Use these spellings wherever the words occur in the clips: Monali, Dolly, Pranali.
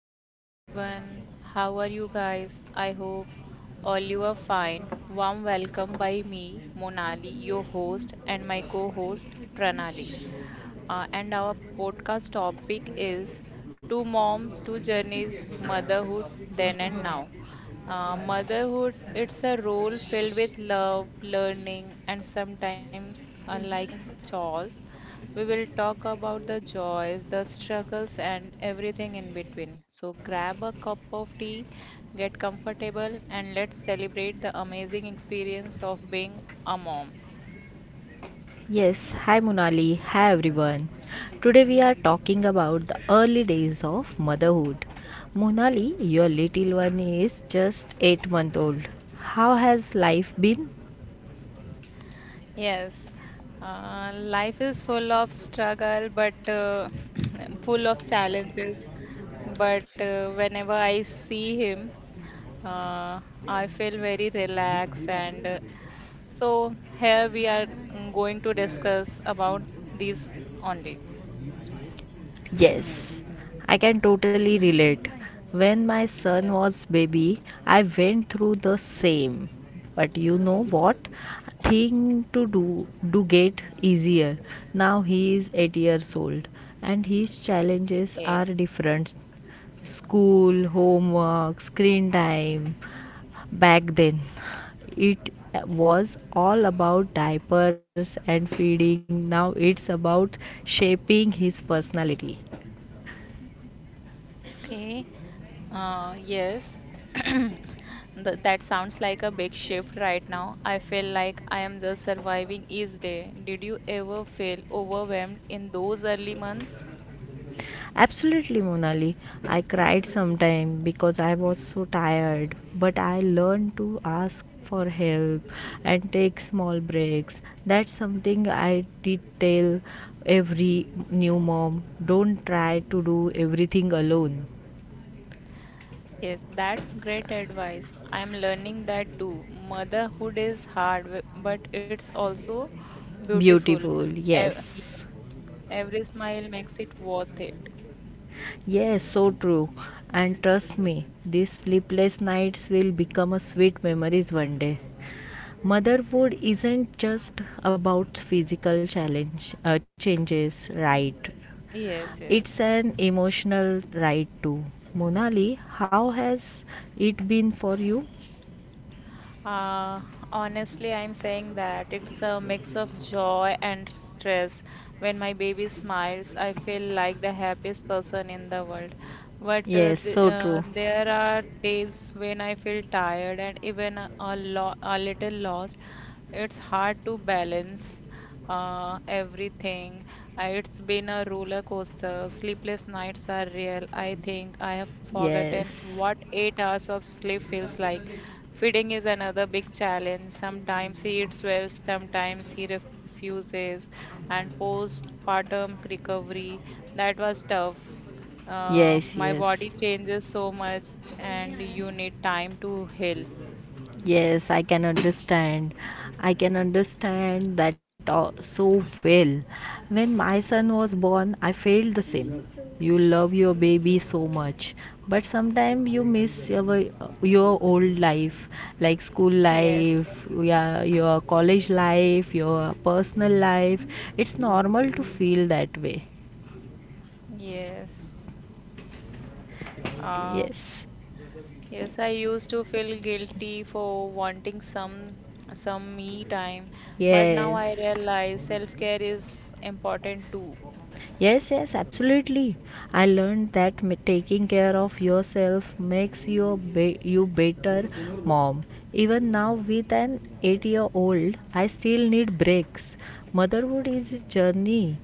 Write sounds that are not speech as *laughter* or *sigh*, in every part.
Hello everyone, how are you guys? I hope all you are fine. Warm welcome by me, Monali, your host, and my co host, Pranali. And our podcast topic is Two Moms, Two Journeys Motherhood Then and Now. Motherhood, it's a role filled with love, learning, and sometimes unlike chores. We will talk about the joys, the struggles, and everything in between. So grab a cup of tea, get comfortable, and let's celebrate the amazing experience of being a mom. Yes, hi Munali, hi everyone. Today we are talking about the early days of motherhood. Munali, your little one is just 8 months old. How has life been? Yes, life is full of struggle, but *clears throat* full of challenges. But whenever I see him, uh, I feel very relaxed. And so here we are going to discuss about these only. Yes, I can totally relate. When my son Yes. was baby, I went through the same. But you know what? Thing to do get easier. Now he is 8 years old and his challenges are Okay. different. School, homework, screen time. Back then, it was all about diapers and feeding. Now it's about shaping his personality. Okay. Yes. *clears throat* That sounds like a big shift right now. I feel like I am just surviving each day. Did you ever feel overwhelmed in those early months? Absolutely, Monali. I cried sometime because I was so tired, but I learned to ask for help and take small breaks. That's something I did tell every new mom. Don't try to do everything alone. Yes, that's great advice. I'm learning that too. Motherhood is hard, but it's also beautiful. Beautiful, Ev- yes. Every smile makes it worth it. Yes, so true. And trust me, these sleepless nights will become a sweet memories one day. Motherhood isn't just about physical challenge changes, right? Yes, It's yes. an emotional ride too. Monali, how has it been for you? Uh, honestly, I'm saying that it's a mix of joy and stress. When my baby smiles, I feel like the happiest person in the world. But Yes, so true. there are days when I feel tired and even a little lost. It's hard to balance everything. It's been a roller coaster. Sleepless nights are real. I think I have forgotten Yes, what 8 hours of sleep feels like. Feeding is another big challenge. Sometimes he eats well, sometimes he refuses, and postpartum recovery that was tough. Uh, yes, my yes. body changes so much, and you need time to heal. Yes, I can understand. I can understand that so well. When my son was born, I felt the same. You love your baby so much, but sometimes you miss your old life, like school Yes, life, yes, yeah, your college life, your personal life. It's normal to feel that way. yes. Uh, Yes, yes, I used to feel guilty for wanting some me time, but now yes. I realize self-care is important too. Yes, yes, absolutely. I learned that taking care of yourself makes you a you better mom. Even now, with an eight-year-old, I still need breaks. Motherhood is a journey.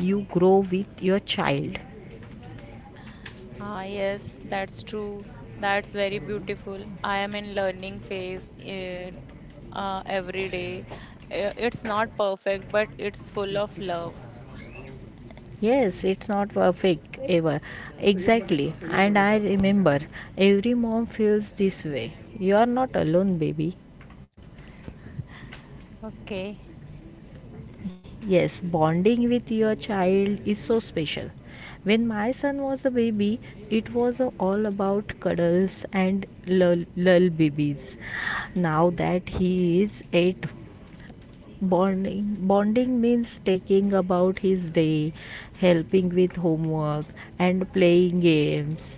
You grow with your child. Ah, yes, that's true. That's very beautiful. I am in learning phase every day. It's not perfect, but it's full of love. Yes, it's not perfect ever. Exactly. And I remember every mom feels this way. You are not alone, baby. Okay, Yes, bonding with your child is so special. When my son was a baby, it was all about cuddles and lullabies. Now that he is eight, bonding means taking about his day, helping with homework, and playing games.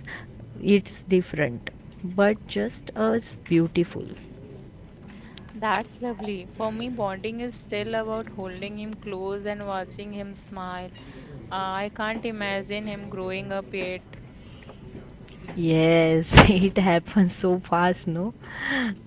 It's different, but just as beautiful. that's lovely. For me, bonding is still about holding him close and watching him smile. I can't imagine him growing up yet. Yes, *laughs* it happens so fast, no?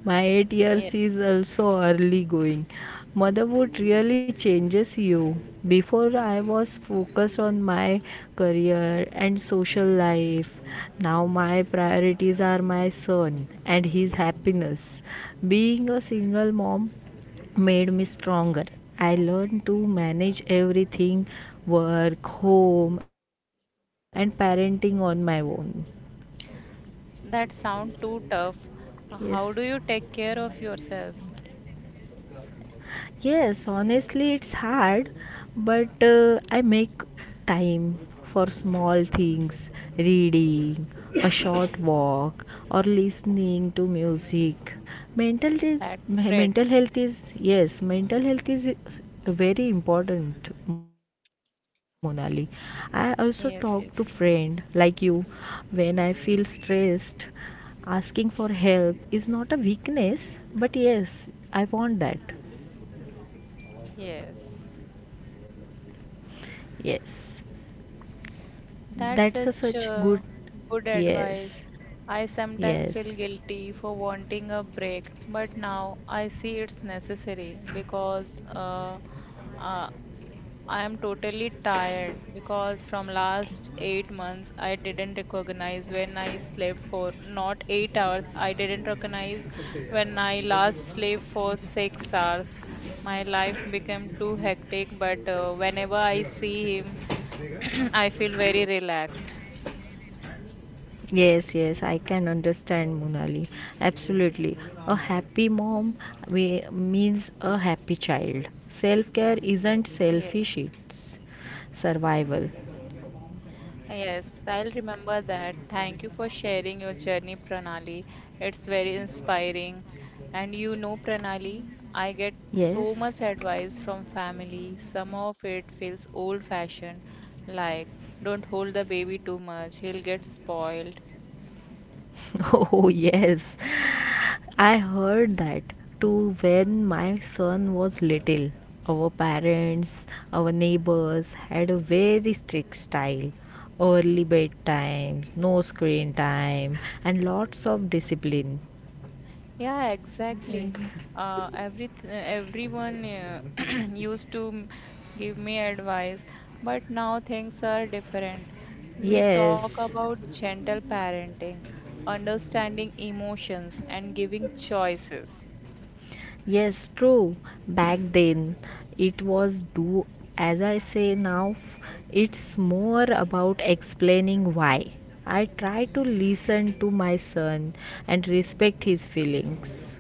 My 8 Yeah, years is also early going. Motherhood really changes you. Before I was focused on my career and social life. Now my priorities are my son and his happiness. Being a single mom made me stronger. I learned to manage everything: work, home, and parenting on my own. that sound too tough. Yes. How do you take care of yourself? Yes, honestly, it's hard, but I make time for small things: reading, a short walk, or listening to music. Mental, is, That's great. Mental health is, yes, mental health is very important, Monali. I also talk to friend Yes, yes, like you when I feel stressed. Asking for help is not a weakness, but yes, I want that. yes. Yes. That's a That's such such good. Good Yes. advice. I Yes. sometimes feel guilty for wanting a break, but now I see it's necessary because uh, I am totally tired because from last 8 months I didn't recognize when I slept for not 8 hours. I didn't recognize when I last slept for 6 hours. My life became too hectic, but whenever I see him *clears throat* I feel very relaxed. Yes, yes, I can understand Monali. Absolutely. A happy mom means a happy child. Self care isn't Yes, selfish, it's survival. yes, I'll remember that. Thank you for sharing your journey, Pranali. It's very inspiring. And you know, Pranali, I get Yes. so much advice from family. Some of it feels old-fashioned, like don't hold the baby too much, he'll get spoiled. *laughs* Oh, yes. I heard that too when my son was little. Our parents, our neighbors had a very strict style. Early bedtimes, no screen time, and lots of discipline. Yeah, exactly. Everyone *clears throat* used to give me advice, but now things are different. We Yes, talk about gentle parenting, understanding emotions, and giving choices. yes, true. Back then, it was do as I say. Now it's more about explaining why. I try to listen to my son and respect his feelings.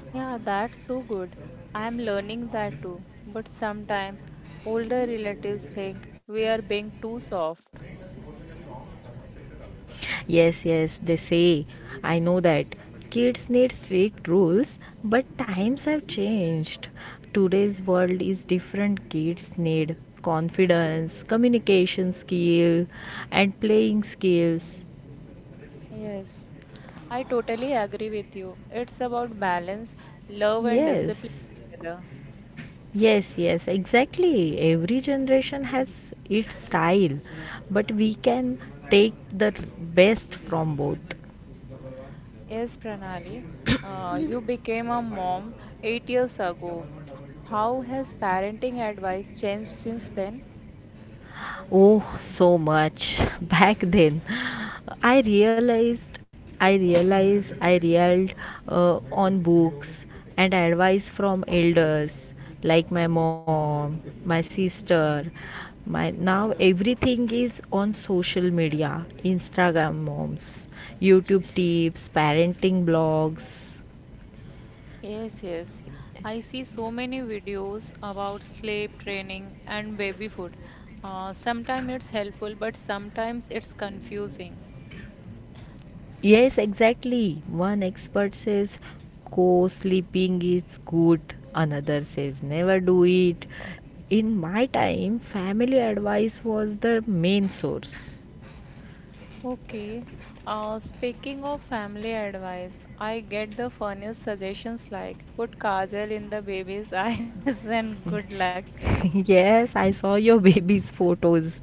Yeah, that's so good. I am learning that too. But sometimes older relatives think we are being too soft. Yes, yes, they say. I know that. Kids need strict rules, but times have changed. Today's world is different. Kids need confidence, communication skill, and playing skills. Yes, I totally agree with you. It's about balance, love, and Yes. discipline together. Yes, yes, exactly. Every generation has its style, but we can take the best from both. Yes, Pranali, you became a mom 8 years ago. How has parenting advice changed since then? Oh, so much. *laughs* Back then, I realized, I reeled on books and advice from elders like my mom, my sister. My now everything is on social media, Instagram moms, YouTube tips, parenting blogs. Yes, yes. I see so many videos about sleep training and baby food. Sometimes it's helpful, but sometimes it's confusing. Yes, exactly. One expert says co sleeping is good, another says never do it. In my time, family advice was the main source. Okay. Speaking of family advice, I get the funniest suggestions like put kajal in the baby's *laughs* eyes and good luck. *laughs* Yes, I saw your *laughs* baby's photos.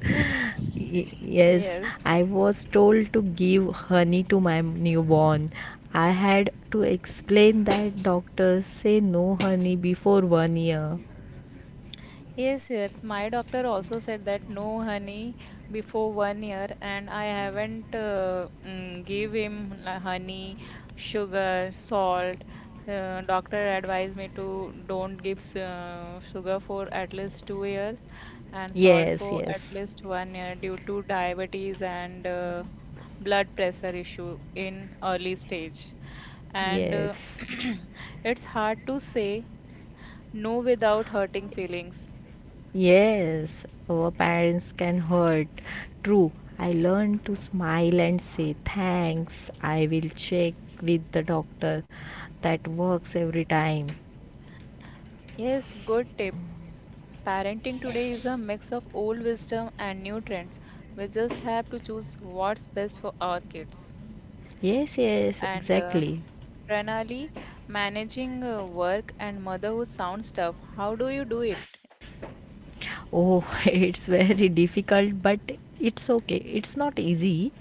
Yes, Yes. I was told to give honey to my newborn. I had to explain that doctors say no honey before 1 year. Yes, yes. My doctor also said that no honey before 1 year, and I haven't give him la- honey, sugar, salt. Doctor advised me to don't give sugar for at least 2 years and salt Yes, for at yes, least 1 year due to diabetes and blood pressure issue in early stage. And yes. uh, *clears throat* it's hard to say no without hurting feelings. Yes, our parents can hurt. True, I learned to smile and say thanks. I will check with the doctor. That works every time. Yes, good tip. Parenting today is a mix of old wisdom and new trends. We just have to choose what's best for our kids. Yes, yes, And exactly. Pranali, managing work and motherhood sounds tough. How do you do it? Oh, *laughs* it's very difficult, but it's okay. It's not easy.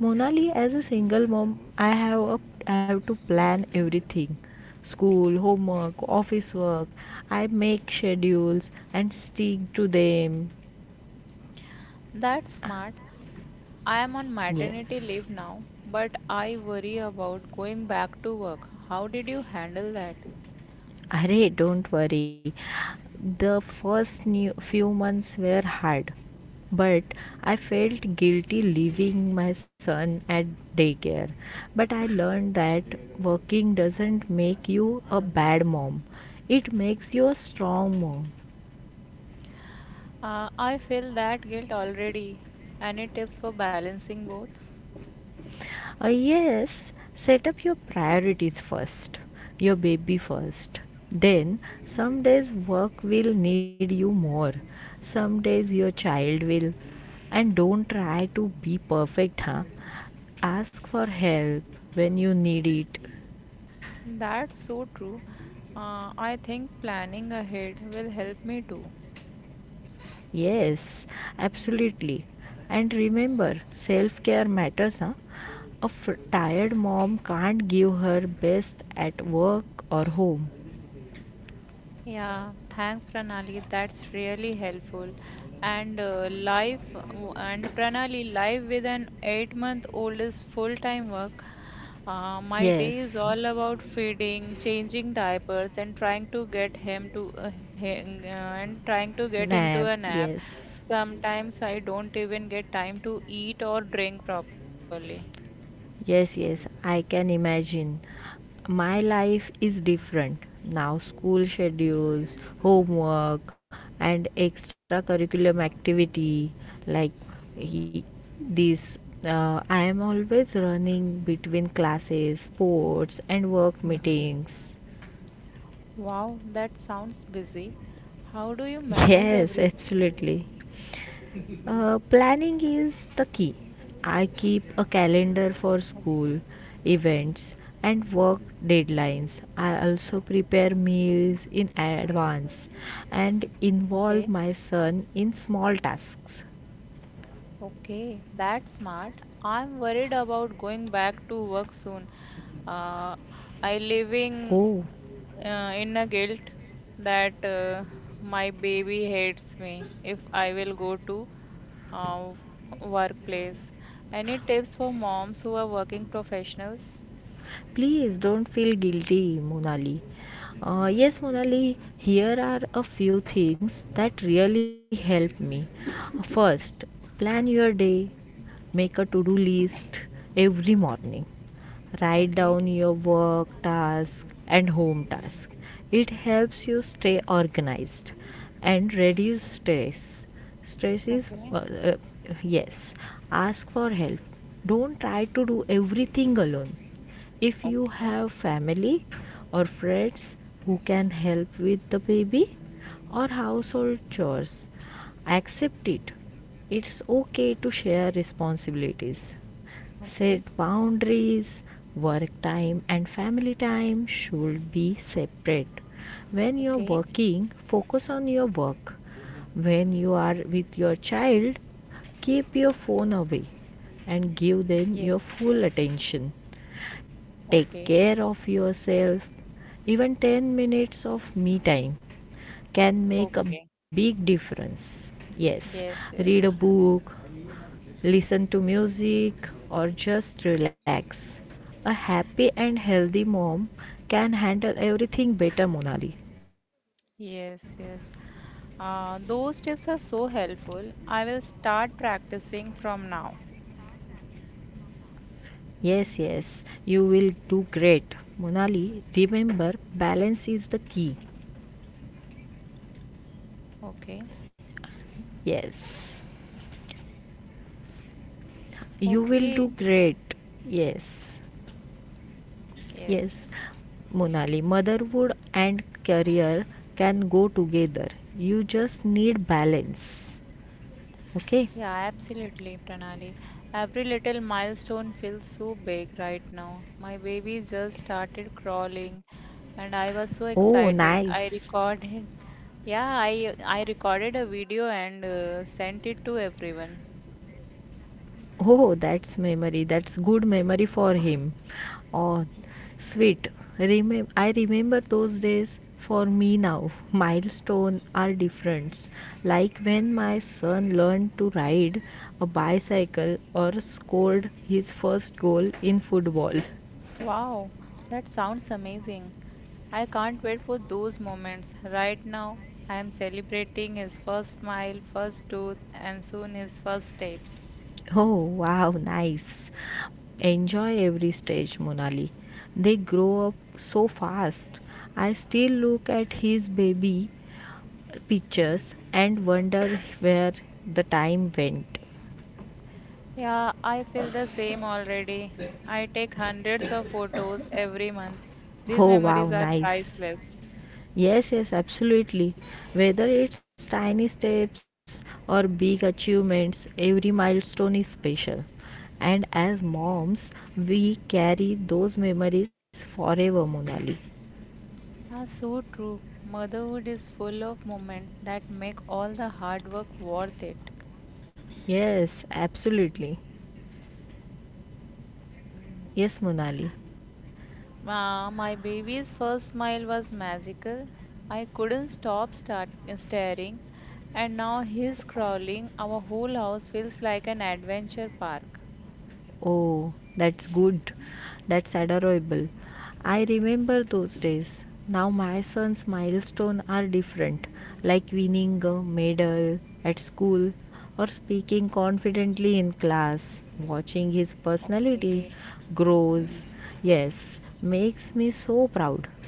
Monali, as a single mom, I have to plan everything: school, homework, office work. I make schedules and stick to them. That's smart. I am on maternity Yes. leave now, but I worry about going back to work. How did you handle that? Arey, don't worry. The first new few months were hard, but I felt guilty leaving my son at daycare. But I learned that working doesn't make you a bad mom. It makes you a strong mom. I feel that guilt already. Any tips for balancing both? Yes, set up your priorities first, your baby first. Then, some days work will need you more, some days your child will. And don't try to be perfect, huh? Ask for help when you need it. That's so true. I think planning ahead will help me too. Yes, absolutely. And remember, self care matters, huh? A tired mom can't give her best at work or home. Yeah, thanks Pranali. That's really helpful. And Pranali, life with an 8 month old is full time work. My day is Yes, all about feeding, changing diapers, and trying to get him to hang- and trying to get him to a nap, nap. yes. Sometimes I don't even get time to eat or drink properly. Yes, yes, I can imagine. My life is different. Now, school schedules, homework, and extracurriculum activity like he, this. I am always running between classes, sports, and work meetings. *laughs* Wow, that sounds busy. How do you manage? Yes, absolutely. Planning is the key. I keep a calendar for O- school, events, and work deadlines. I also prepare meals in advance and involve Okay, my son in small tasks. okay, that's smart. I'm worried about going back to work soon. Uh, I living Oh, in a guilt that my baby hates me if I will go to uh, workplace. Any tips for moms who are working professionals? please don't feel guilty, Monali. Yes, Monali, here are a few things that really help me. First, plan your day, make a to do list every morning, write Okay, down your work task and home task. It helps you stay organized and reduce stress. Stress is okay, uh, yes, ask for help, don't try to do everything alone. If you okay, have family or friends who can help with the baby or household chores, accept it. It's okay to share responsibilities. okay, Set boundaries, work time and family time should be separate. When you're okay. working, focus on your work. When you are with your child, keep your phone away and give Yes, them your yes. full attention. Take Okay, care of yourself. Even 10 minutes of me time can make a okay. big difference. Yes, Yes, read yes. a book, listen to music, or just relax. A happy and healthy mom can handle everything better, Monali. Yes, yes. Those tips are so helpful. I will start practicing from now. Yes, yes, you will do great. Monali, remember balance is the key. Okay. Yes, you will do Okay. great. Yes, yes. Yes. Monali, motherhood and career can go together. You just need balance. Yeah, Okay? absolutely, Pranali. Every little milestone feels so big right now. My baby just started crawling and I was so Oh, excited. I nice. recorded. Yeah, I recorded a video and sent it to everyone. Oh, that's memory. That's good memory for him. Oh, sweet. I remember those days. For me now, milestones are different. Like when my son learned to ride a bicycle or scored his first goal in football. Wow, that sounds amazing. I can't wait for those moments. Right now, I am celebrating his first smile, first tooth, and soon his first steps. Oh, wow, nice. Enjoy every stage, Monali. They grow up so fast. I still look at his baby pictures and wonder where the time went. Yeah, I feel the same already. I take hundreds of photos every month. These Oh memories wow, are nice. priceless. Yes, yes, absolutely. Whether it's tiny steps or big achievements, every milestone is special. And as moms, we carry those memories forever, Monali. Ah, so true. Motherhood is full of moments that make all the hard work worth it. Yes, absolutely. Yes, Monali. Ah, my baby's first smile was magical. I couldn't stop start staring, and now he's crawling. Our whole house feels like an adventure park. Oh, that's good. That's adorable. I remember those days. Now my son's milestones are different, like winning a medal at school or speaking confidently in class. Watching his personality Okay. grows, yes, makes me so proud.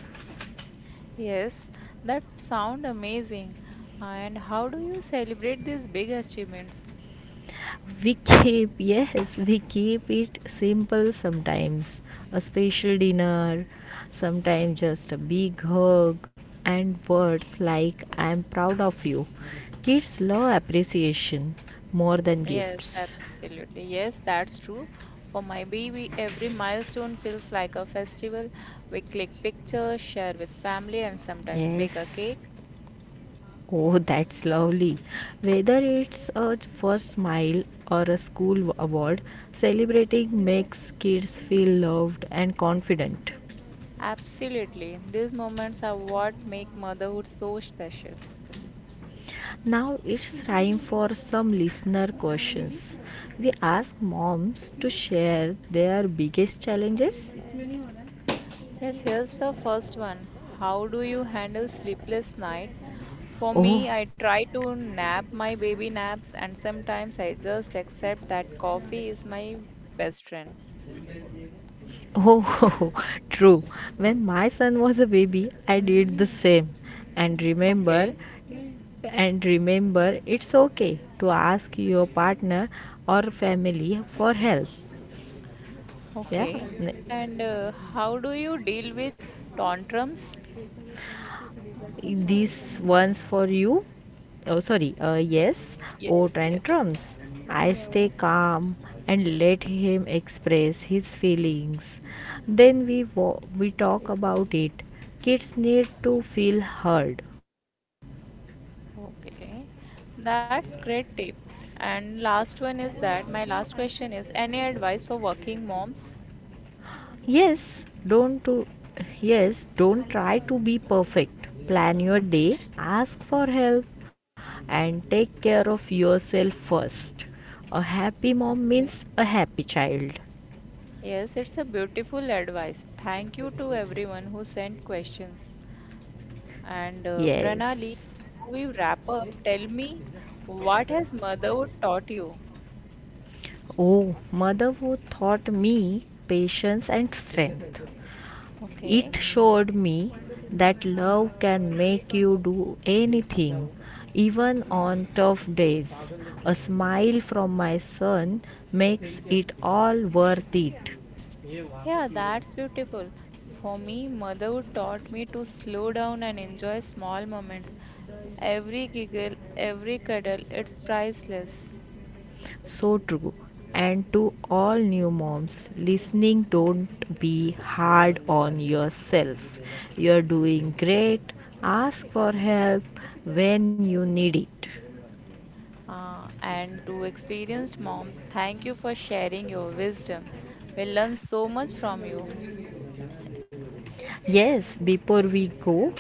Yes, that sound amazing. And how do you celebrate these big achievements? Yes, we keep it simple sometimes. A special dinner, sometimes just a big hug, and words like I am proud of you. Kids love appreciation more than gifts. Yes, absolutely. Yes, that's true. For my baby, every milestone feels like a festival. We click pictures, share with family, and sometimes bake a Yes. cake. Oh, *laughs* that's lovely. Whether it's a first smile or a school award, celebrating makes kids feel loved and confident. Absolutely. These moments are what make motherhood so special. Now it's time for some listener questions. We ask moms to share their biggest challenges. Yes, here's the first one. How do you handle sleepless night? For Oh, me, I try to nap my baby naps and sometimes I just accept that coffee is my best friend. oh, *laughs* true. When my son was a baby, I did the same. And remember, Okay. and remember, it's okay to ask your partner or family for help. Yeah, Okay. And how do you deal with tantrums? This one's for you. Oh, sorry. Yes. Yes, Oh, yes. tantrums. I stay calm and let him express his feelings. Then we talk about it. Kids need to feel heard. Okay. That's great tip. And last one is that my last question is any advice for working moms? Yes. Don't to yes. Don't try to be perfect. Plan your day. Ask for help and take care of yourself first. A happy mom means Okay. a happy child. Yes, it's a beautiful advice. Thank you to everyone who sent questions. And Yes. Pranali, before we wrap up, tell me what has motherhood taught you? Oh, motherhood taught me patience and strength. It Okay. showed me that love can make you do anything, even on tough days. A smile from my son makes it all worth it. Yeah, that's beautiful. For me, motherhood taught me to slow down and enjoy small moments. Every giggle, every cuddle, it's priceless. So true. And to all new moms listening, don't be hard on yourself. You're doing great. Ask for help when you need it. And to experienced moms, thank you for sharing your wisdom. We learn so much from you. Yes, before we go,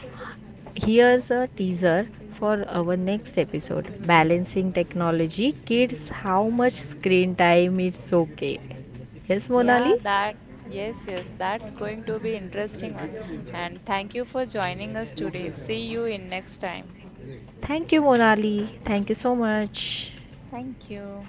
here's a teaser for our next episode: Balancing Technology Kids, How Much Screen Time is Okay. Yes, Yeah, Monali? that, yes, yes, that's going to be interesting one. And thank you for joining us today. See you in next time. Thank you, Monali. Thank you so much. Thank you.